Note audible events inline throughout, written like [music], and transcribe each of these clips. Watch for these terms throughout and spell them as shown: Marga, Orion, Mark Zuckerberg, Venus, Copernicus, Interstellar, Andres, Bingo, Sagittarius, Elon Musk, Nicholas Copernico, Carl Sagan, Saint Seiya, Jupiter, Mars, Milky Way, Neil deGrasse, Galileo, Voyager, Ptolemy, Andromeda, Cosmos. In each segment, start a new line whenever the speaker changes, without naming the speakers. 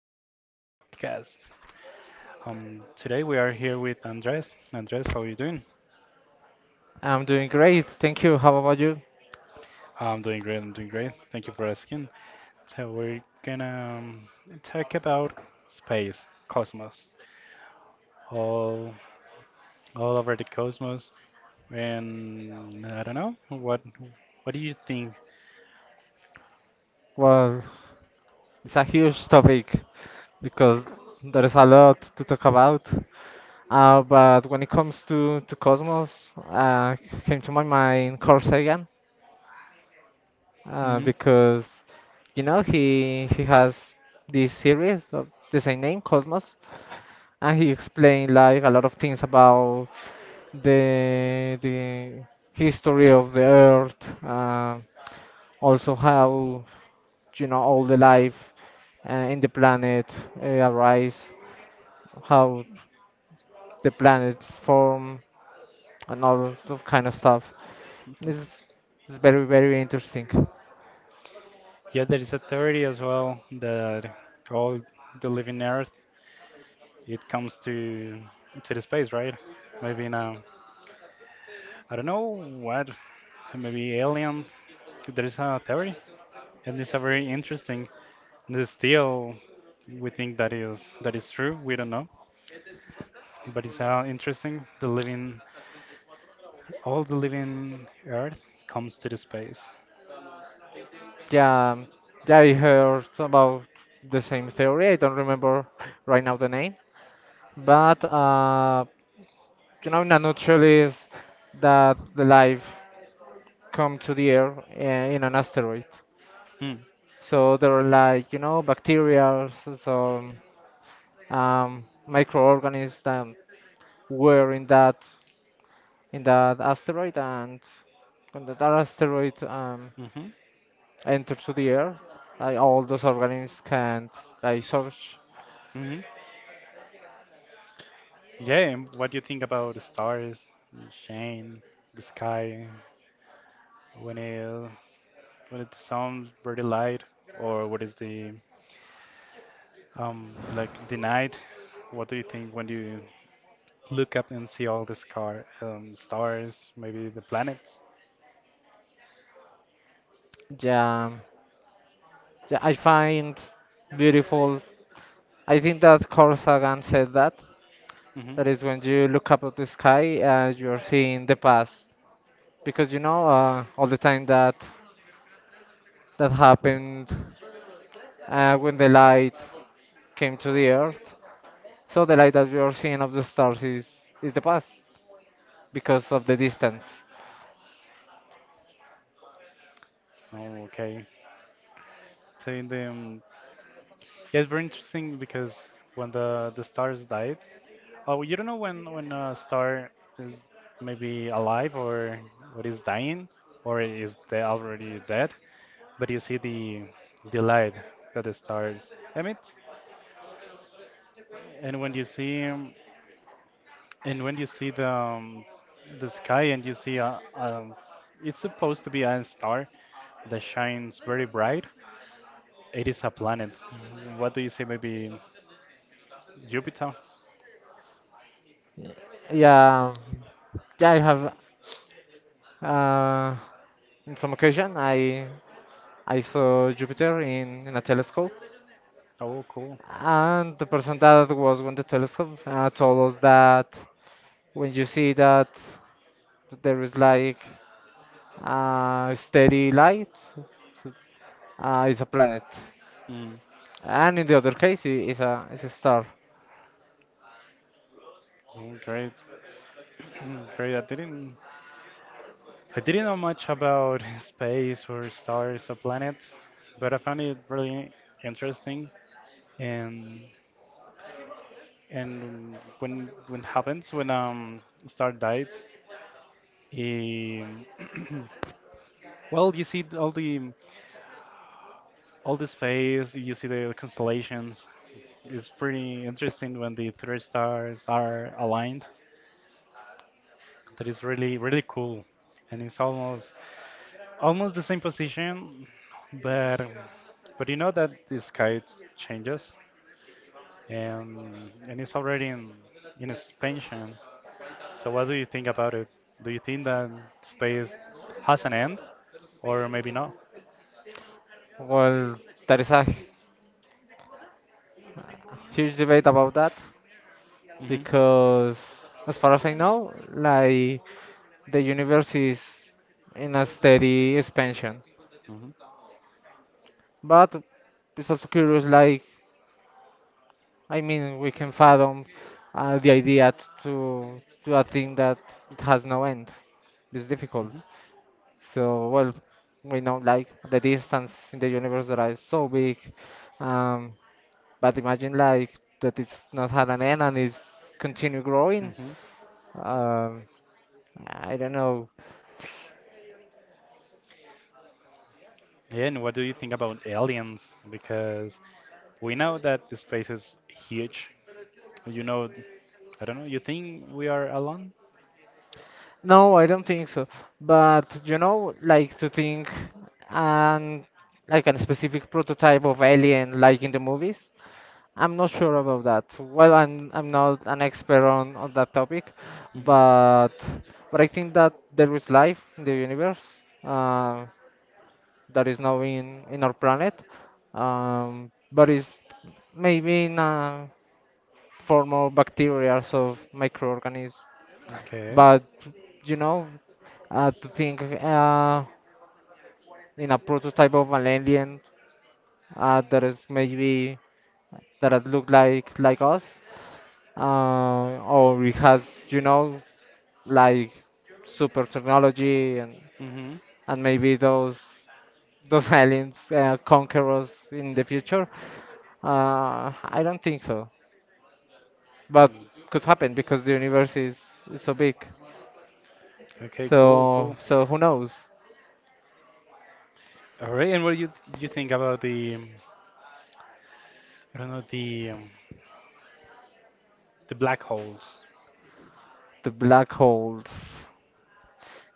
tomorrow's podcast. Today we are here with Andres. Andres, how are you doing?
I'm doing great, thank you. How about you?
I'm doing great, I'm doing great. Thank you for asking. So, we're gonna talk about space, cosmos, all, all over the cosmos. And I don't know, what do you think?
Well, it's a huge topic because there is a lot to talk about. But when it comes to Cosmos, uh, came to my mind Carl Sagan,
Hmm.
because you know, he has this series of the same name Cosmos, and he explained like a lot of things about the history of the Earth, uh, also how you know all the life in the planet arise, how the planets form, and all of kind of stuff. It's, it's very very interesting.
Yeah, there is a theory as well that all the living earth, it comes to the space, right? Maybe now. I don't know what, maybe alien. There is a theory, and it's a very interesting. There's still, we think that is true. We don't know, but it's interesting. The living, all the living Earth comes to the space.
Yeah, um, yeah, I heard about the same theory. I don't remember right now the name, but you know, in a nutshell, is that the life come to the Earth in an asteroid.
Mm.
So there are like you know bacteria, microorganisms that were in that asteroid, and when that asteroid
Mm-hmm.
enters to the Earth, like, all those organisms can like search.
Mm-hmm. Yeah. And what do you think about the stars, Shane, the sky, when it when it sounds very light, or what is the like the night? What do you think when you look up and see all the stars, maybe the planets.
Yeah, yeah, I find beautiful. I think that Carl Sagan said that.
Hmm.
That is when you look up at the sky, you're seeing the past because you know all the time that that happened when the light came to the earth. So the light that you're seeing of the stars is the past because of the distance.
Oh, okay. So in the yeah, it's very interesting because when the stars died, oh, you don't know when a star is maybe alive or what is dying or is they already dead, but you see the light that the stars emit, and when you see And when you see the sky and you see a it's supposed to be a star that shines very bright. It is a planet. Mm, what do you say? Maybe Jupiter.
Yeah, yeah. I have uh, in some occasion I saw Jupiter in a telescope,
Oh, cool.
and the person that was with the telescope told us that when you see that there is like steady light, it's a planet,
Mm.
and in the other case, it's a star.
Oh, great, [clears throat] great. I didn't know much about [laughs] space or stars or planets, but I found it really interesting. And when happens when star dies, he [clears throat] Well, you see all the space, you see the constellations. It's pretty interesting when the three stars are aligned. That is really really cool, and it's almost the same position, but you know that the sky changes, and it's already in expansion. So what do you think about it? Do you think that space has an end, or maybe not?
Well, there is a huge debate about that
Hmm.
because as far as I know, like the universe is in a steady expansion.
Hmm.
But it's also curious, like I mean, we can fathom the idea to a thing that it has no end. It's
Hmm.
difficult.
Hmm.
So well, we know like the distance in the universe that is so big, um, but imagine like that it's not had an end and it's continue growing. Um, I don't know.
Yeah, and what do you think about aliens? Because we know that the space is huge. You know, I don't know, you think we are alone?
No, I don't think so. But you know, like to think and like a specific prototype of alien like in the movies. I'm not sure about that. Well, I'm not an expert on that topic,
Hmm.
but but I think that there is life in the universe uh, that is now in our planet, but it's maybe in a form of bacteria of microorganisms.
Okay.
But you know, to think in a prototype of an alien that is maybe that it look like us, uh, or it has you know like super technology
Hmm.
and maybe those [laughs] aliens conquer us in the future. I don't think so, but
Mm.
could happen because the universe is so big.
Okay, cool,
So
cool.
so who knows?
All right, and what do you think about the I don't know the black holes?
The black holes.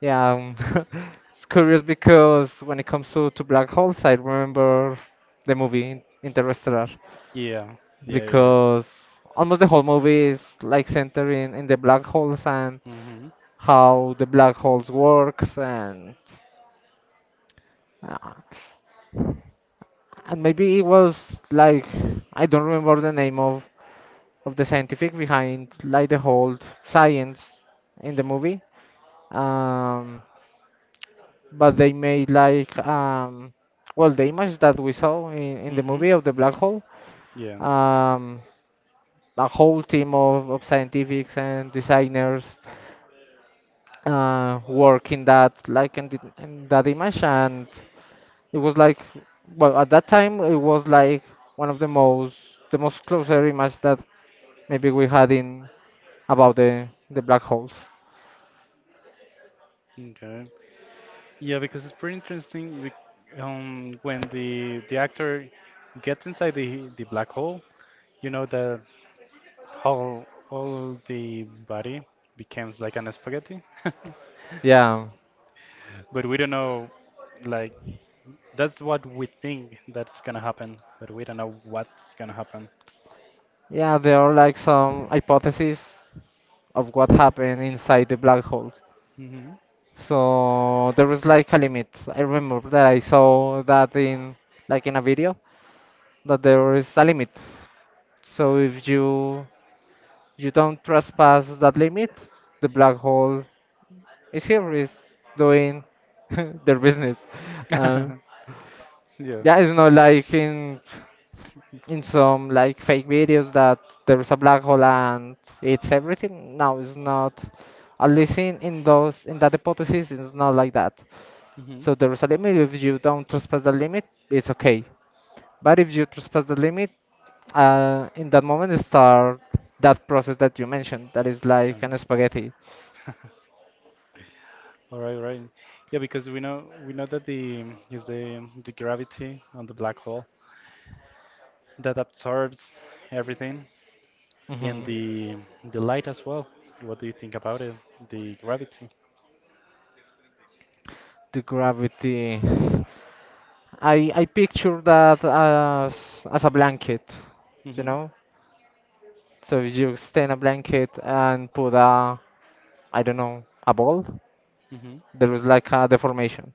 Yeah, um, [laughs] it's curious because when it comes to black holes, I remember the movie Interstellar
Yeah, yeah, yeah.
because almost the whole movie is like centered in the black holes and
Mm-hmm.
how the black holes works uh, and maybe it was like I don't remember the name of the scientific behind like the whole science in the movie. Um, but they made like well the image that we saw in the
Mm-hmm.
movie of the black hole
Yeah.
um a whole team of scientifics and designers work in that like in, the, in that image and it was like well at that time it was like one of the most closer image that maybe we had in about the black holes.
Okay. Yeah, because it's pretty interesting. When the actor gets inside the black hole, you know that whole all the body becomes like an spaghetti. [laughs]
Yeah,
But we don't know, like, that's what we think that's gonna happen, but we don't know what's gonna happen.
yeah, there are like some hypotheses of what happened inside the black holes.
Hmm.
So there was like a limit. I remember that I saw that in like in a video that there is a limit. So if you you don't trespass that limit, the black hole is here is doing [laughs] their business. Uh,
[laughs] Yeah.
yeah, it's not like in some like fake videos that there is a black hole and it's everything. No, it's not. At least in those in that hypothesis, it's not like that.
Hmm.
So there is a limit. If you don't trespass the limit, it's okay. But if you trespass the limit, in that moment start that process that you mentioned. That is
Okay.
like an spaghetti.
All right, right. Yeah, because we know that the gravity on the black hole that absorbs everything and
Hmm.
the light as well. What do you think about it? The gravity.
The gravity. I picture that as a blanket, you
Mhm.
know. So if you extend a blanket and put a I don't know a ball,
Mhm.
there is like a deformation.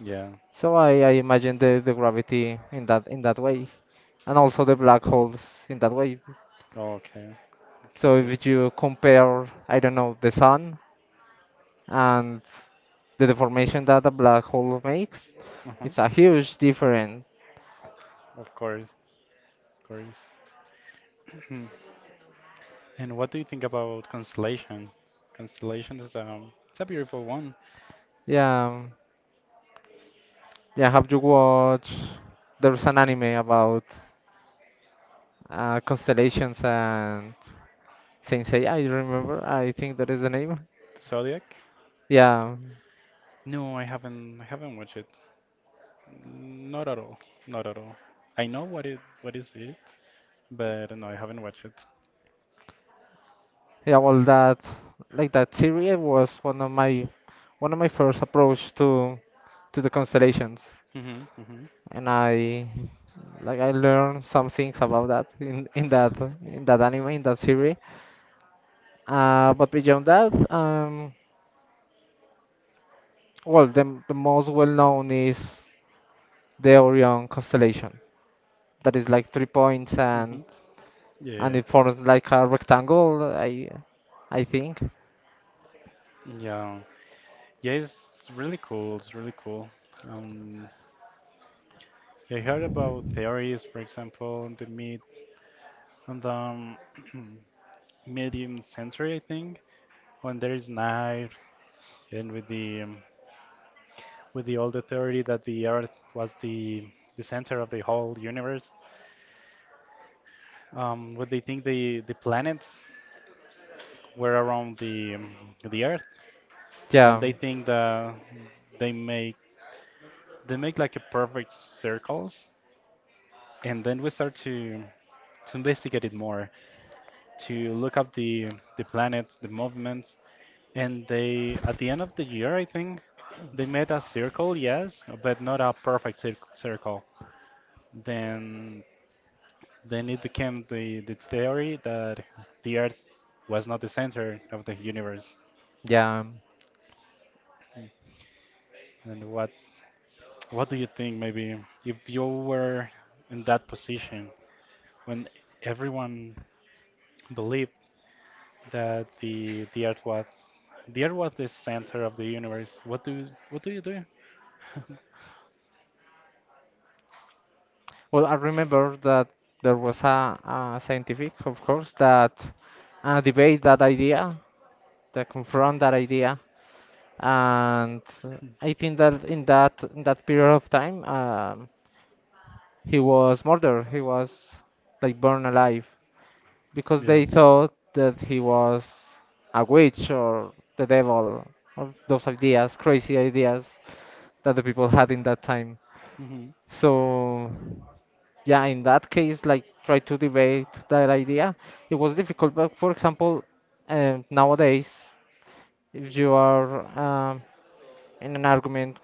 Yeah.
So I imagine the gravity in that way, and also the black holes in that way.
Okay. Okay,
So
great.
if you compare, I don't know, the sun and the deformation that a black hole makes,
Uh-huh.
it's a huge difference.
Of course. Of course. [clears throat] And what do you think about constellation? Constellation is it's a beautiful one.
Yeah, um, yeah. Have you watched? There's an anime about constellations and Saint Seiya. I remember. I think that is the name.
The zodiac?
Yeah,
No, I haven't watched it. Not at all. Not at all. I know what is it, but no, I haven't watched it.
yeah. Well, that like that series was one of my first approach to the constellations.
Hmm. Hmm.
And I like I learned some things about that in that anime in that series. But beyond that, well, the most well known is the Orion constellation. That is like three points
Hmm.
and
Yeah,
it forms like a rectangle. I think.
yeah, yeah. It's really cool. It's really cool. Um, I heard about theories, for example, in the mid on the [clears throat] medium century, I think, when there is night, and with the old theory that the Earth was the center of the whole universe. What they think the planets were around the Earth, and
Yeah,
they think that they make they make like a perfect circles, and then we start to investigate it more, to look up the planets, the movements, and they at the end of the year, I think, they made a circle, yes, but not a perfect circle. Then then it became the theory that the Earth was not the center of the universe.
yeah.
And what do you think maybe if you were in that position when everyone believed that the earth was the center of the universe. What do you do? [laughs]
Well, I remember that there was a scientific, of course, that debate that idea, that confront that idea and I think that in that in that period of time, he was murdered. He was like burned alive because
Yeah.
they thought that he was a witch or the devil or those ideas, crazy ideas that the people had in that time.
Hmm.
So yeah, in that case, like try to debate that idea. It was difficult, but for example, nowadays, if you are in an argument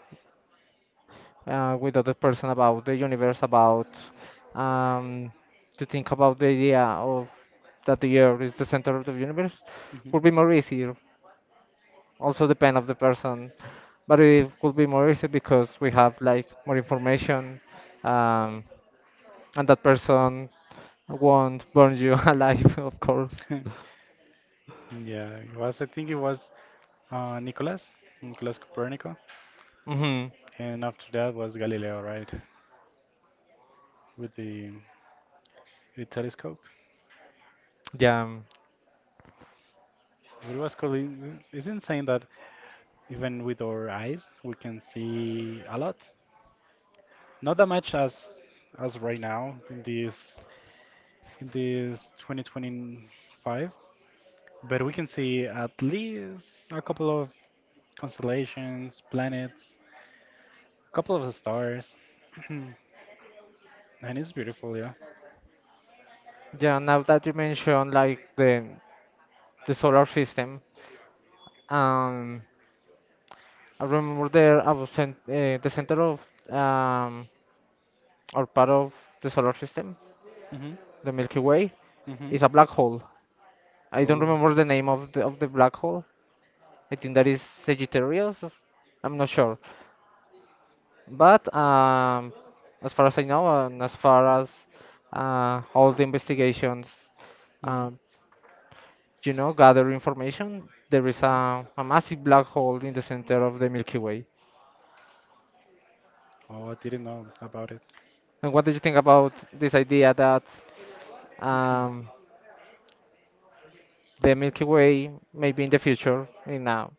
with other person about the universe, about um, to think about the idea of that the Earth is the center of the universe
Hmm.
would be more easier. Also depend of the person, but it would be more easy because we have like more information, um, and that person won't burn you [laughs] alive, of course.
[laughs] Yeah. It was. I think it was uh, Nicholas Nicholas Copernico,
Mm-hmm.
and after that was Galileo, right? With the telescope.
Yeah,
But it was cool. It's insane that even with our eyes we can see a lot. Not that much as right now in this 2025. But we can see at least a couple of constellations, planets, a couple of stars. [clears throat] And it's beautiful, yeah.
yeah. Now that you mentioned like the solar system, um, I remember there I was cent the center of um, or part of the solar system,
Hmm.
the Milky Way,
Hmm.
is a black hole. I don't
Oh.
remember the name of the black hole. I think that is Sagittarius. I'm not sure, but as far as I know, and as far as all the investigations,
Hmm.
um, you know, gather information, there is
Hmm.
a massive black hole in the center of the Milky Way.
Oh, I didn't know about it.
And what do you think about this idea that um,
[clears throat]
the Milky Way, maybe in the future, in a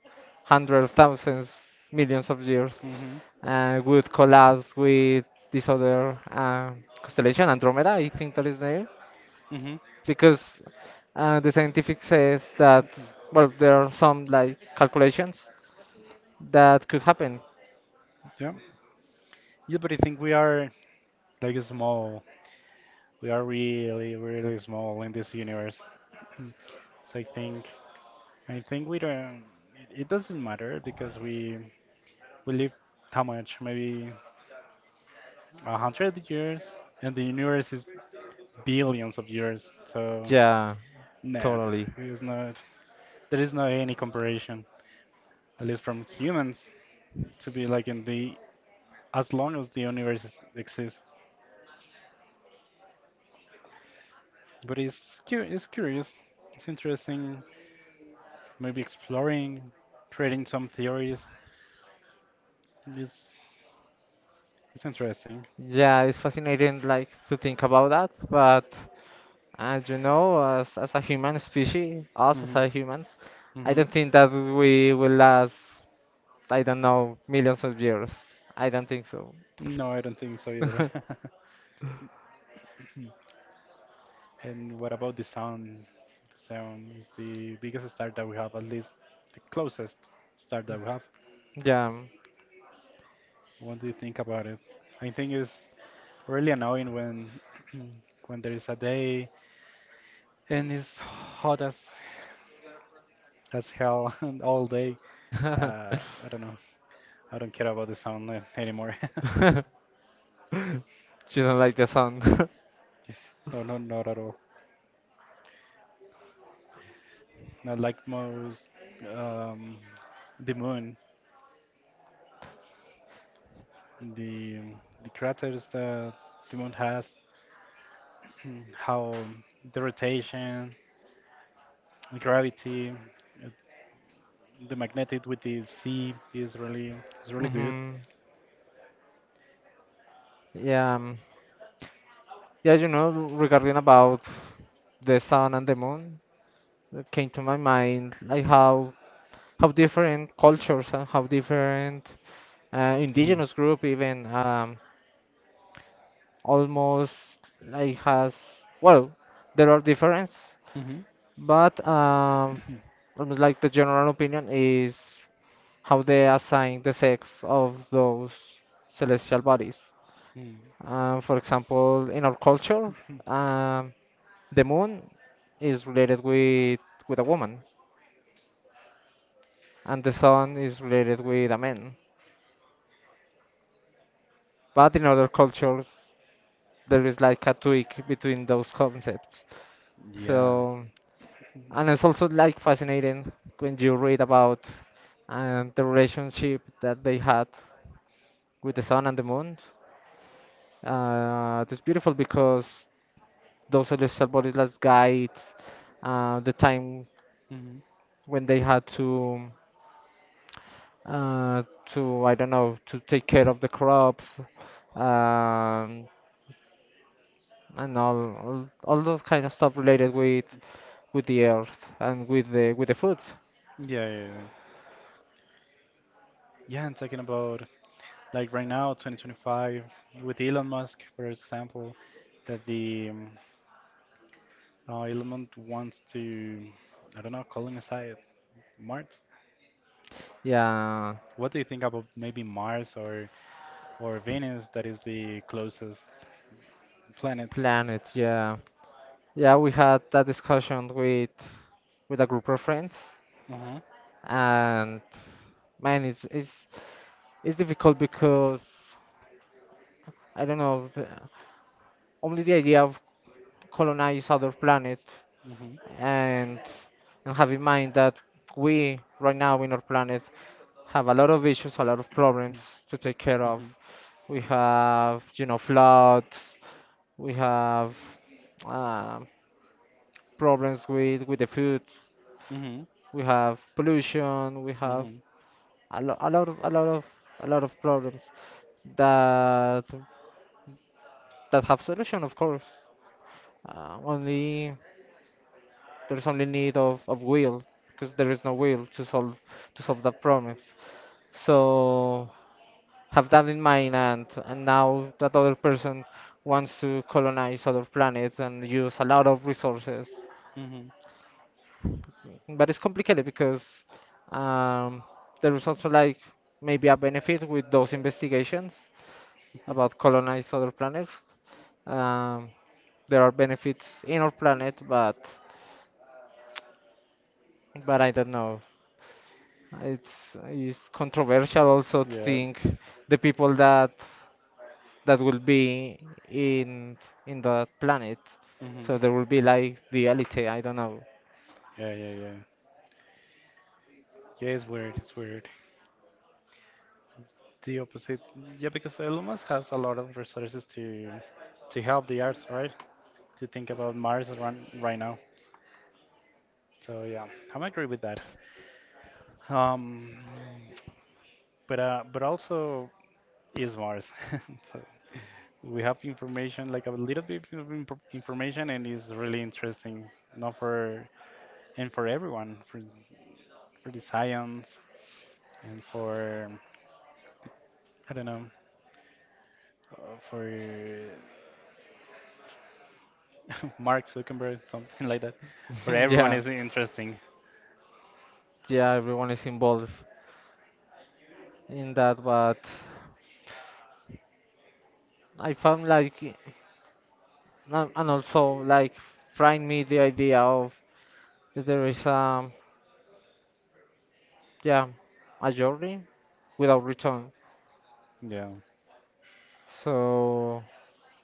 hundred thousands, millions of years,
Hmm.
would collapse with this other constellation, Andromeda, I think that is the name,
Hmm.
because the scientific says that,
[clears throat]
well, there are some like calculations that could happen.
Yeah. Yeah, but I think we are like small. We are really, really small in this universe. [clears throat] So I think we don't. It doesn't matter because we live how much? Maybe 100 years, and the universe is billions of years. So,
Yeah,
no,
totally.
it is not. There is no any comparison, at least from humans, to be like in the as long as the universe is, exists. But it's curious. It's interesting. Maybe exploring, creating some theories. It's it's interesting.
Yeah, it's fascinating like to think about that, but and you know, as a human species, us as
Mhm.
a humans, I
Mhm.
don't think that we will last, I don't know, millions of years. I don't think so.
No, I don't think so either. [laughs]
[laughs]
And what about the sound? The sound is the biggest star that we have, at least the closest star that we have.
Yeah.
What do you think about it? I think it's really annoying when [clears throat] when there is a day and it's hot as hell [laughs] and all day. Uh,
[laughs]
I don't know. I don't care about the sound anymore. [laughs]
You don't like the sound.
No, no, not at all. Not like most um, the moon. the the craters that the moon has, [clears throat] how the rotation, the gravity, uh, the magnetic with the sea is really
[laughs]
good.
Hmm. Yeah. um, yeah, you know, regarding about the sun and the moon, it came to my mind like how different cultures and how different
Hmm.
indigenous group even almost like has well there are difference
Mm-hmm.
but almost like the general opinion is how they assign the sex of those celestial bodies
Mm.
um, for example in our culture um, the moon is related with a woman and the sun is related with a man but in other cultures there is like a tweak between those concepts
Yeah.
so and it's also like fascinating when you read about the relationship that they had with the sun and the moon. It's beautiful because those celestial bodies that guides the time
Mm-hmm.
when they had to I don't know to take care of the crops um, and all those kind of stuff related with the earth and with the food.
Yeah, yeah, yeah. Yeah, I talking about like right now, 2025, with Elon Musk, for example, that the Elon Musk wants to, I don't know, colonize Mars.
Yeah,
What do you think about maybe Mars or Venus, that is the closest planet.
planet. Yeah. Yeah, we had that discussion with a group of friends,
Uh-huh.
and man, it's it's difficult because I don't know, only the idea of colonize other planet
Mhm.
and and have in mind that we right now in our planet have a lot of issues, a lot of problems to take care of.
Mhm.
We have, you know, floods. We have um, problems with the food.
Mhm.
We have pollution, we have
Mhm.
a lot of a lot of problems that that have solution, of course. Only There's only need of will because there is no will to solve the problems. So have that in mind, and now that other person wants to colonize other planets and use a lot of resources,
Mhm.
but it's complicated because um, there is also like maybe a benefit with those investigations about colonize
[laughs]
other planets. Um, there are benefits in our planet, but I don't know. It's controversial also to
Yeah.
think the people that that will be in in that planet. So
Mhm.
there will be like the elite. I don't know.
Yeah, yeah, yeah. Yeah, it's weird. It's weird. It's the opposite. Yeah, because Elon has a lot of resources to help the Earth, right? To think about Mars run, right now. So yeah, I'm agree with that. Um, but but also is Mars. [laughs] So we have information like a little bit of information and it's really interesting not for and for everyone for the science and for I don't know for [laughs] Mark Zuckerberg something like that for
[laughs]
everyone
Yeah,
is interesting.
yeah, everyone is involved in that, but I found like and also like find me the idea of that there is a yeah a journey without return.
Yeah.
So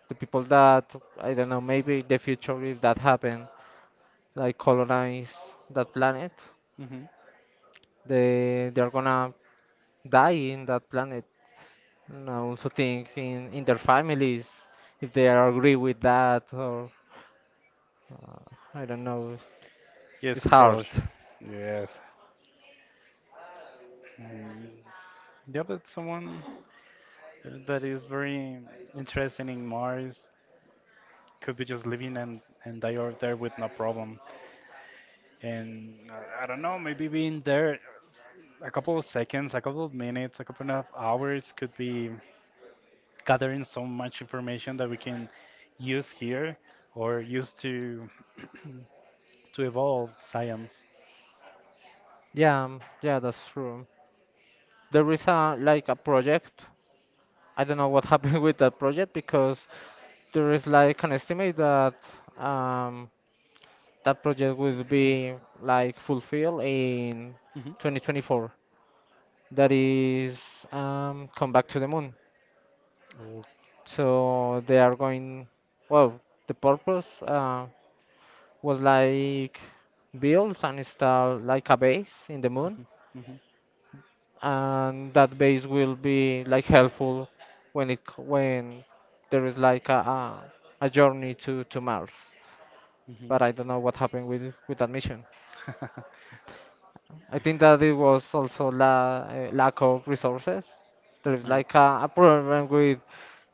the people that I don't know maybe in the future if that happen, like colonize that planet,
Hmm.
they are gonna die in that planet. And I also think in their families, if they are agree with that or uh, I don't know.
Yes
It's hard.
controllers. Yes. Mm, yeah but someone that is very interested in mars could be just living and die over there with no problem. And I don't know, maybe being there s- a couple of seconds, a couple of minutes, a couple of hours could be gathering so much information that we can use here or use to [clears throat] to evolve science.
Yeah, yeah, that's true. There is a like a project. I don't know what [laughs] happened with that project because there is like an estimate that um, that project will be like fulfilled in
Hmm.
2024. That is come back to the moon.
Oh.
So they are going. Well, the purpose was like build and install like a base in the moon,
Hmm.
and that base will be like helpful when when there is like a journey to Mars.
Hmm.
But I don't know what happened with that mission.
[laughs]
I think that it was also la lack of resources. There is
Mm.
like a problem with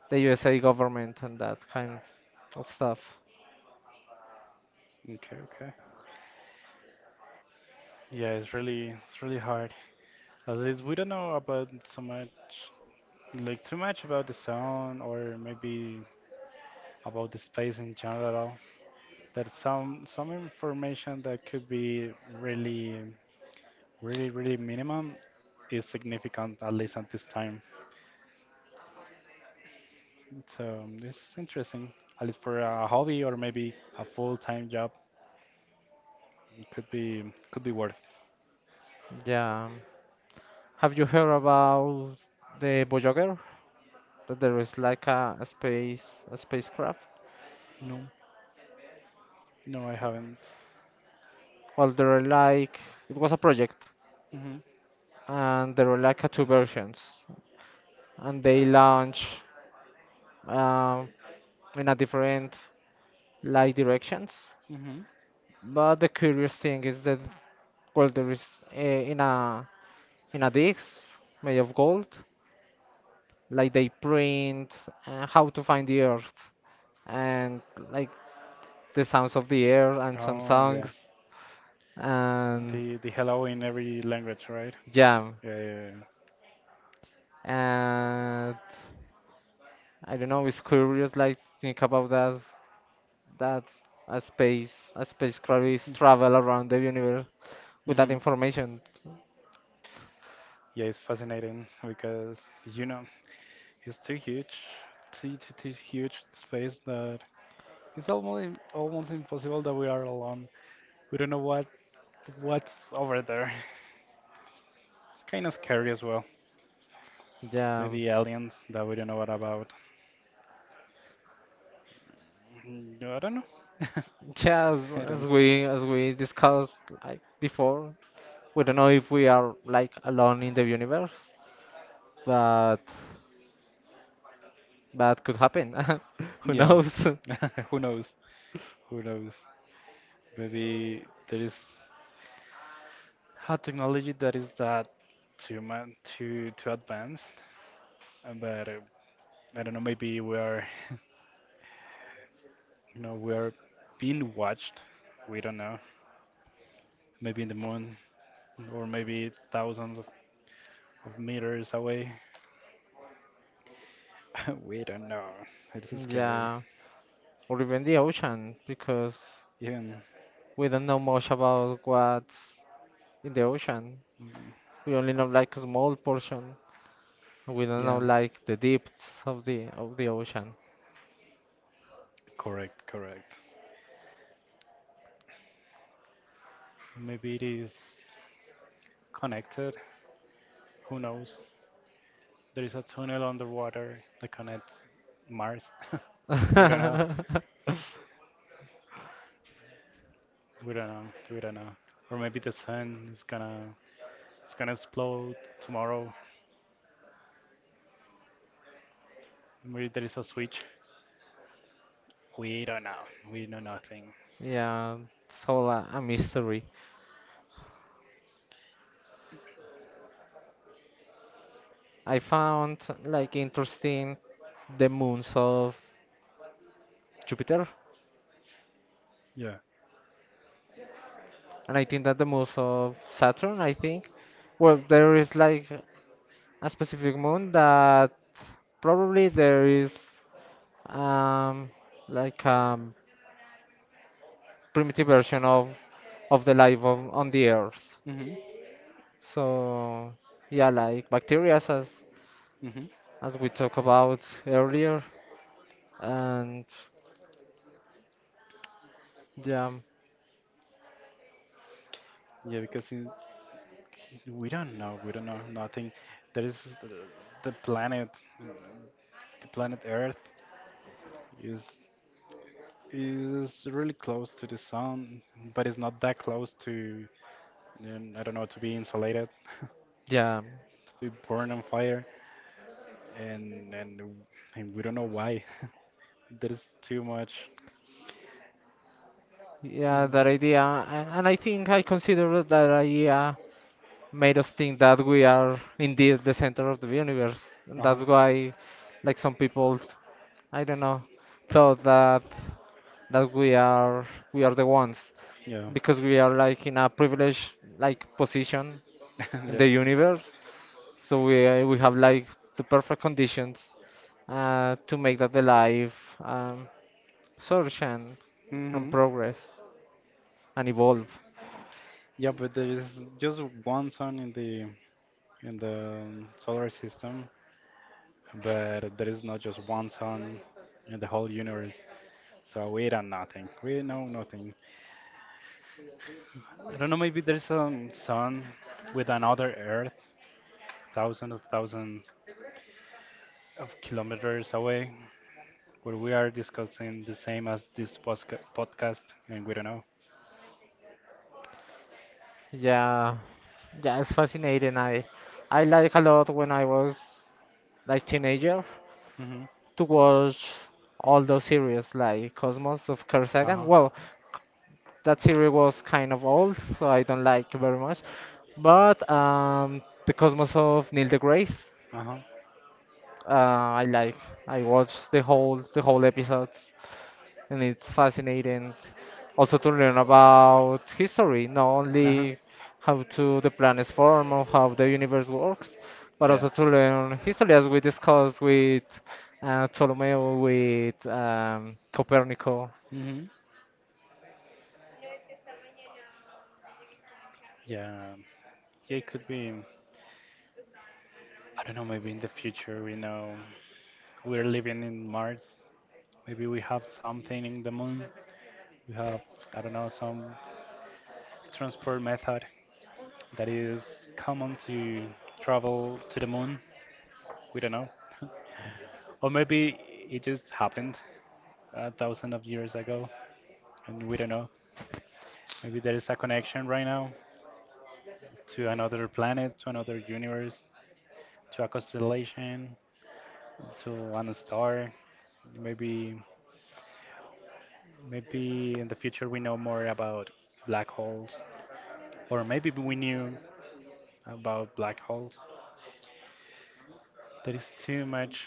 the USA government and that kind of stuff.
Okay, okay. Yeah, it's really hard. At least we don't know about so much, like too much about the sun or maybe about the space in general. There's some information that could be really, really, really minimum is significant at least at this time. So this is interesting. At least for a hobby or maybe a full-time job, it could be worth.
Yeah. Have you heard about the Voyager? That there is like a space a spacecraft.
No, no, I haven't.
Well, there are like it was a project,
Mhm,
and there were like two versions, and they launch um, in a different like directions.
mhm.
But the curious thing is that, well, there is uh, in a in a disc made of gold, like they print how to find the earth and like the sounds of the air and some
Oh yeah,
songs and
the hello in every language, right?
jam
Yeah, yeah, yeah.
and I don't know. It's curious like think about that that a spacecraft is travel around the universe with that
Mhm.
information.
Yeah, it's fascinating because you know it's too huge, too huge space that It's almost almost impossible that we are alone. We don't know what's over there. [laughs] It's kind of scary as well.
Yeah,
Maybe aliens that we don't know what about. Mm, I don't know.
yeah.
[laughs] I don't know.
As we discussed like before, we don't know if we are like alone in the universe, but that could happen. [laughs] Who
Yeah.
knows? [laughs]
[laughs] Who knows? Who knows? Maybe there is a technology that is that too man too too advanced. But I don't know. Maybe we are being watched. We don't know. Maybe in the moon, or maybe thousands of meters away. [laughs] We don't know. It's scary.
Yeah, or even the ocean because
Even
we don't know much about what's in the ocean.
mm,
We only know like a small portion. We don't know
yeah,
like the depths of the ocean.
correct, correct. Maybe it is connected. Who knows? There is a tunnel underwater that connects Mars. [laughs] We don't know.
[laughs]
We don't know. We don't know. Or maybe the sun is gonna explode tomorrow. Maybe there is a switch. We don't know. We know nothing.
Yeah, it's all a mystery. I found like interesting the moons of Jupiter,
Yeah.
and I think that the moons of Saturn, I think, well, there is like a specific moon that probably there is um like primitive version of the life of, on the Earth.
Mhm.
So yeah, like bacteria
Mhm.
as we talked about earlier, and yeah,
Yeah, because it's we don't know. We don't know nothing. There is the planet, uh, the planet Earth is is really close to the sun, but it's not that close to I don't know to be insulated, [laughs] to
yeah,
be born on fire, and and and we don't know why. [laughs] There is too much.
yeah, that idea. And I think I consider that idea made us think that we are indeed the center of the universe. And
Uh
that's
huh.
why, like some people, I don't know, thought that that we are the ones
Yeah.
because we are like in a privileged like position
[laughs]
in
Yeah.
the universe. So we have like the perfect conditions to make that the life um, search and
Mhm.
progress and evolve.
Yeah, but there is just one sun in the solar system, but there is not just one sun in the whole universe, so we don't nothing. We know nothing. I don't know, maybe there's a sun with another Earth, thousands of kilometers away, where we are discussing the same as this podcast, and we don't know.
Yeah, yeah, it's fascinating. I like a lot when I was like teenager
Hmm.
to watch all those series like Cosmos of Carl Sagan.
Uh-huh.
Well, c- that series was kind of old, so I don't like very much. But the Cosmos of Neil deGrasse
Uh-huh.
I like. I watched the whole episodes, and it's fascinating. Also to learn about history, not
Uh-huh.
only how to the planets form or how the universe works, but
Yeah.
also to learn history as we discussed with Ptolemy, with Copernico.
Hmm. Yeah, yeah, it could be. I don't know, maybe in the future, we know, we're living in Mars. Maybe we have something in the moon. We have, I don't know, some transport method that is common to travel to the moon. We don't know. [laughs] Or maybe it just happened a thousand of years ago, and we don't know. Maybe there is a connection right now to another planet, to another universe, to a constellation, to one star. Maybe Maybe in the future we know more about black holes, or maybe we knew about black holes. There is too much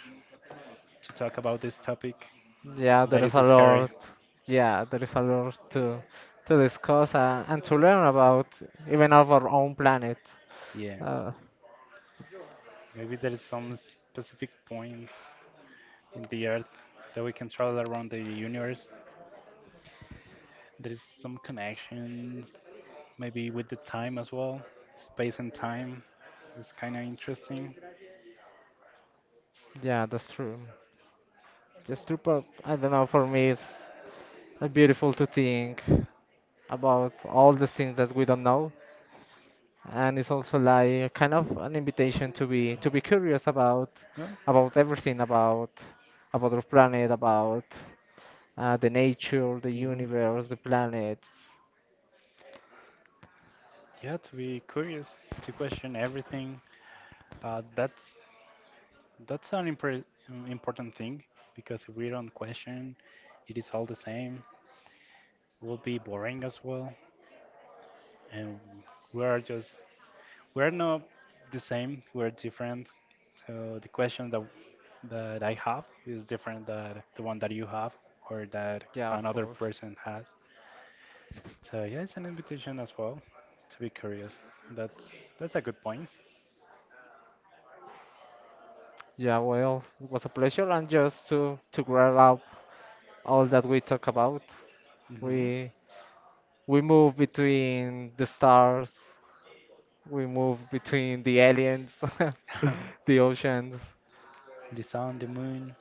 to talk about this topic.
Yeah, there
That is
is a
scary.
lot. Yeah, there is a lot to discuss and to learn about, even of our own planet.
Yeah.
Uh,
Maybe there is some specific points in the Earth that we can travel around the universe. There is some connections, maybe with the time as well, space and time is kind of interesting.
yeah, that's true. Just to, I don't know, for me it's beautiful to think about all the things that we don't know, and it's also like kind of an invitation to be curious
Yeah.
about everything, about our planet, about the nature, the
Hmm.
universe, the planets.
Yeah, to be curious, to question everything. That's an important thing because if we don't question, it is all the same. It will be boring as well, and we are just we are not the same. We're different. So the question that I have is different than the one that you have or that
Yeah, of
another
course.
person has. So yeah, it's an invitation as well to be curious. That's a good point.
Yeah, well, it was a pleasure, and just to wrap up all that we talk about,
Hmm.
we we move between the stars. We move between the aliens, [laughs] the
[laughs]
oceans,
The sun, the moon,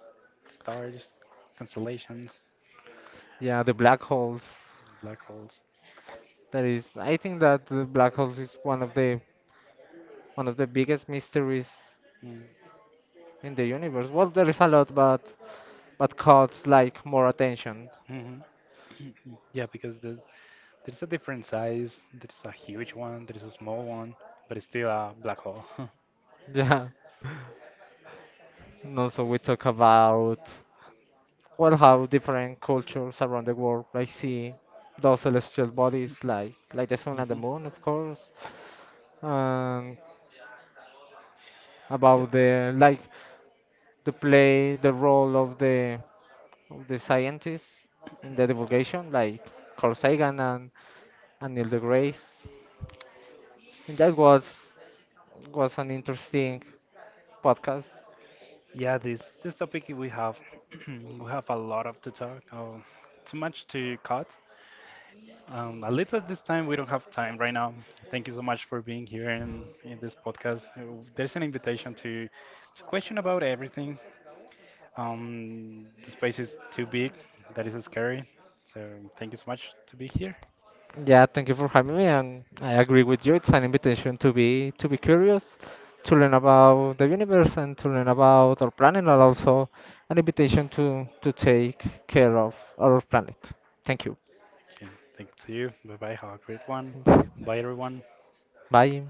stars, constellations,
yeah, the black holes.
black holes.
That is, I think that the black holes is one of the biggest mysteries
Mm-hmm.
in the universe. Well, there is a lot, but caught like more attention. [laughs]
[clears throat] Yeah, because there's a different size. There's a huge one. There's a small one, but it's still a black hole. [laughs]
Yeah. And also we talk about, well, how different cultures around the world like see those celestial bodies like the sun and the
Hmm.
moon, of course. And
Yeah,
about the like to play the role of the scientists in the divulgation, like Carl Sagan and Neil deGrasse. And that was an interesting podcast.
yeah. This topic we have [clears throat] we have a lot of to talk. Oh, too much to cut. At least at this time we don't have time right now. Thank you so much for being here in this podcast. There's an invitation to question about everything. The space is too big. That is scary. So thank you so much to be here.
Yeah, thank you for having me, and I agree with you. It's an invitation to be curious, to learn about the universe, and to learn about our planet, and also an invitation to take care of our planet. Thank you.
Okay, thank you. Bye bye. Have a great one. Bye everyone.
Bye.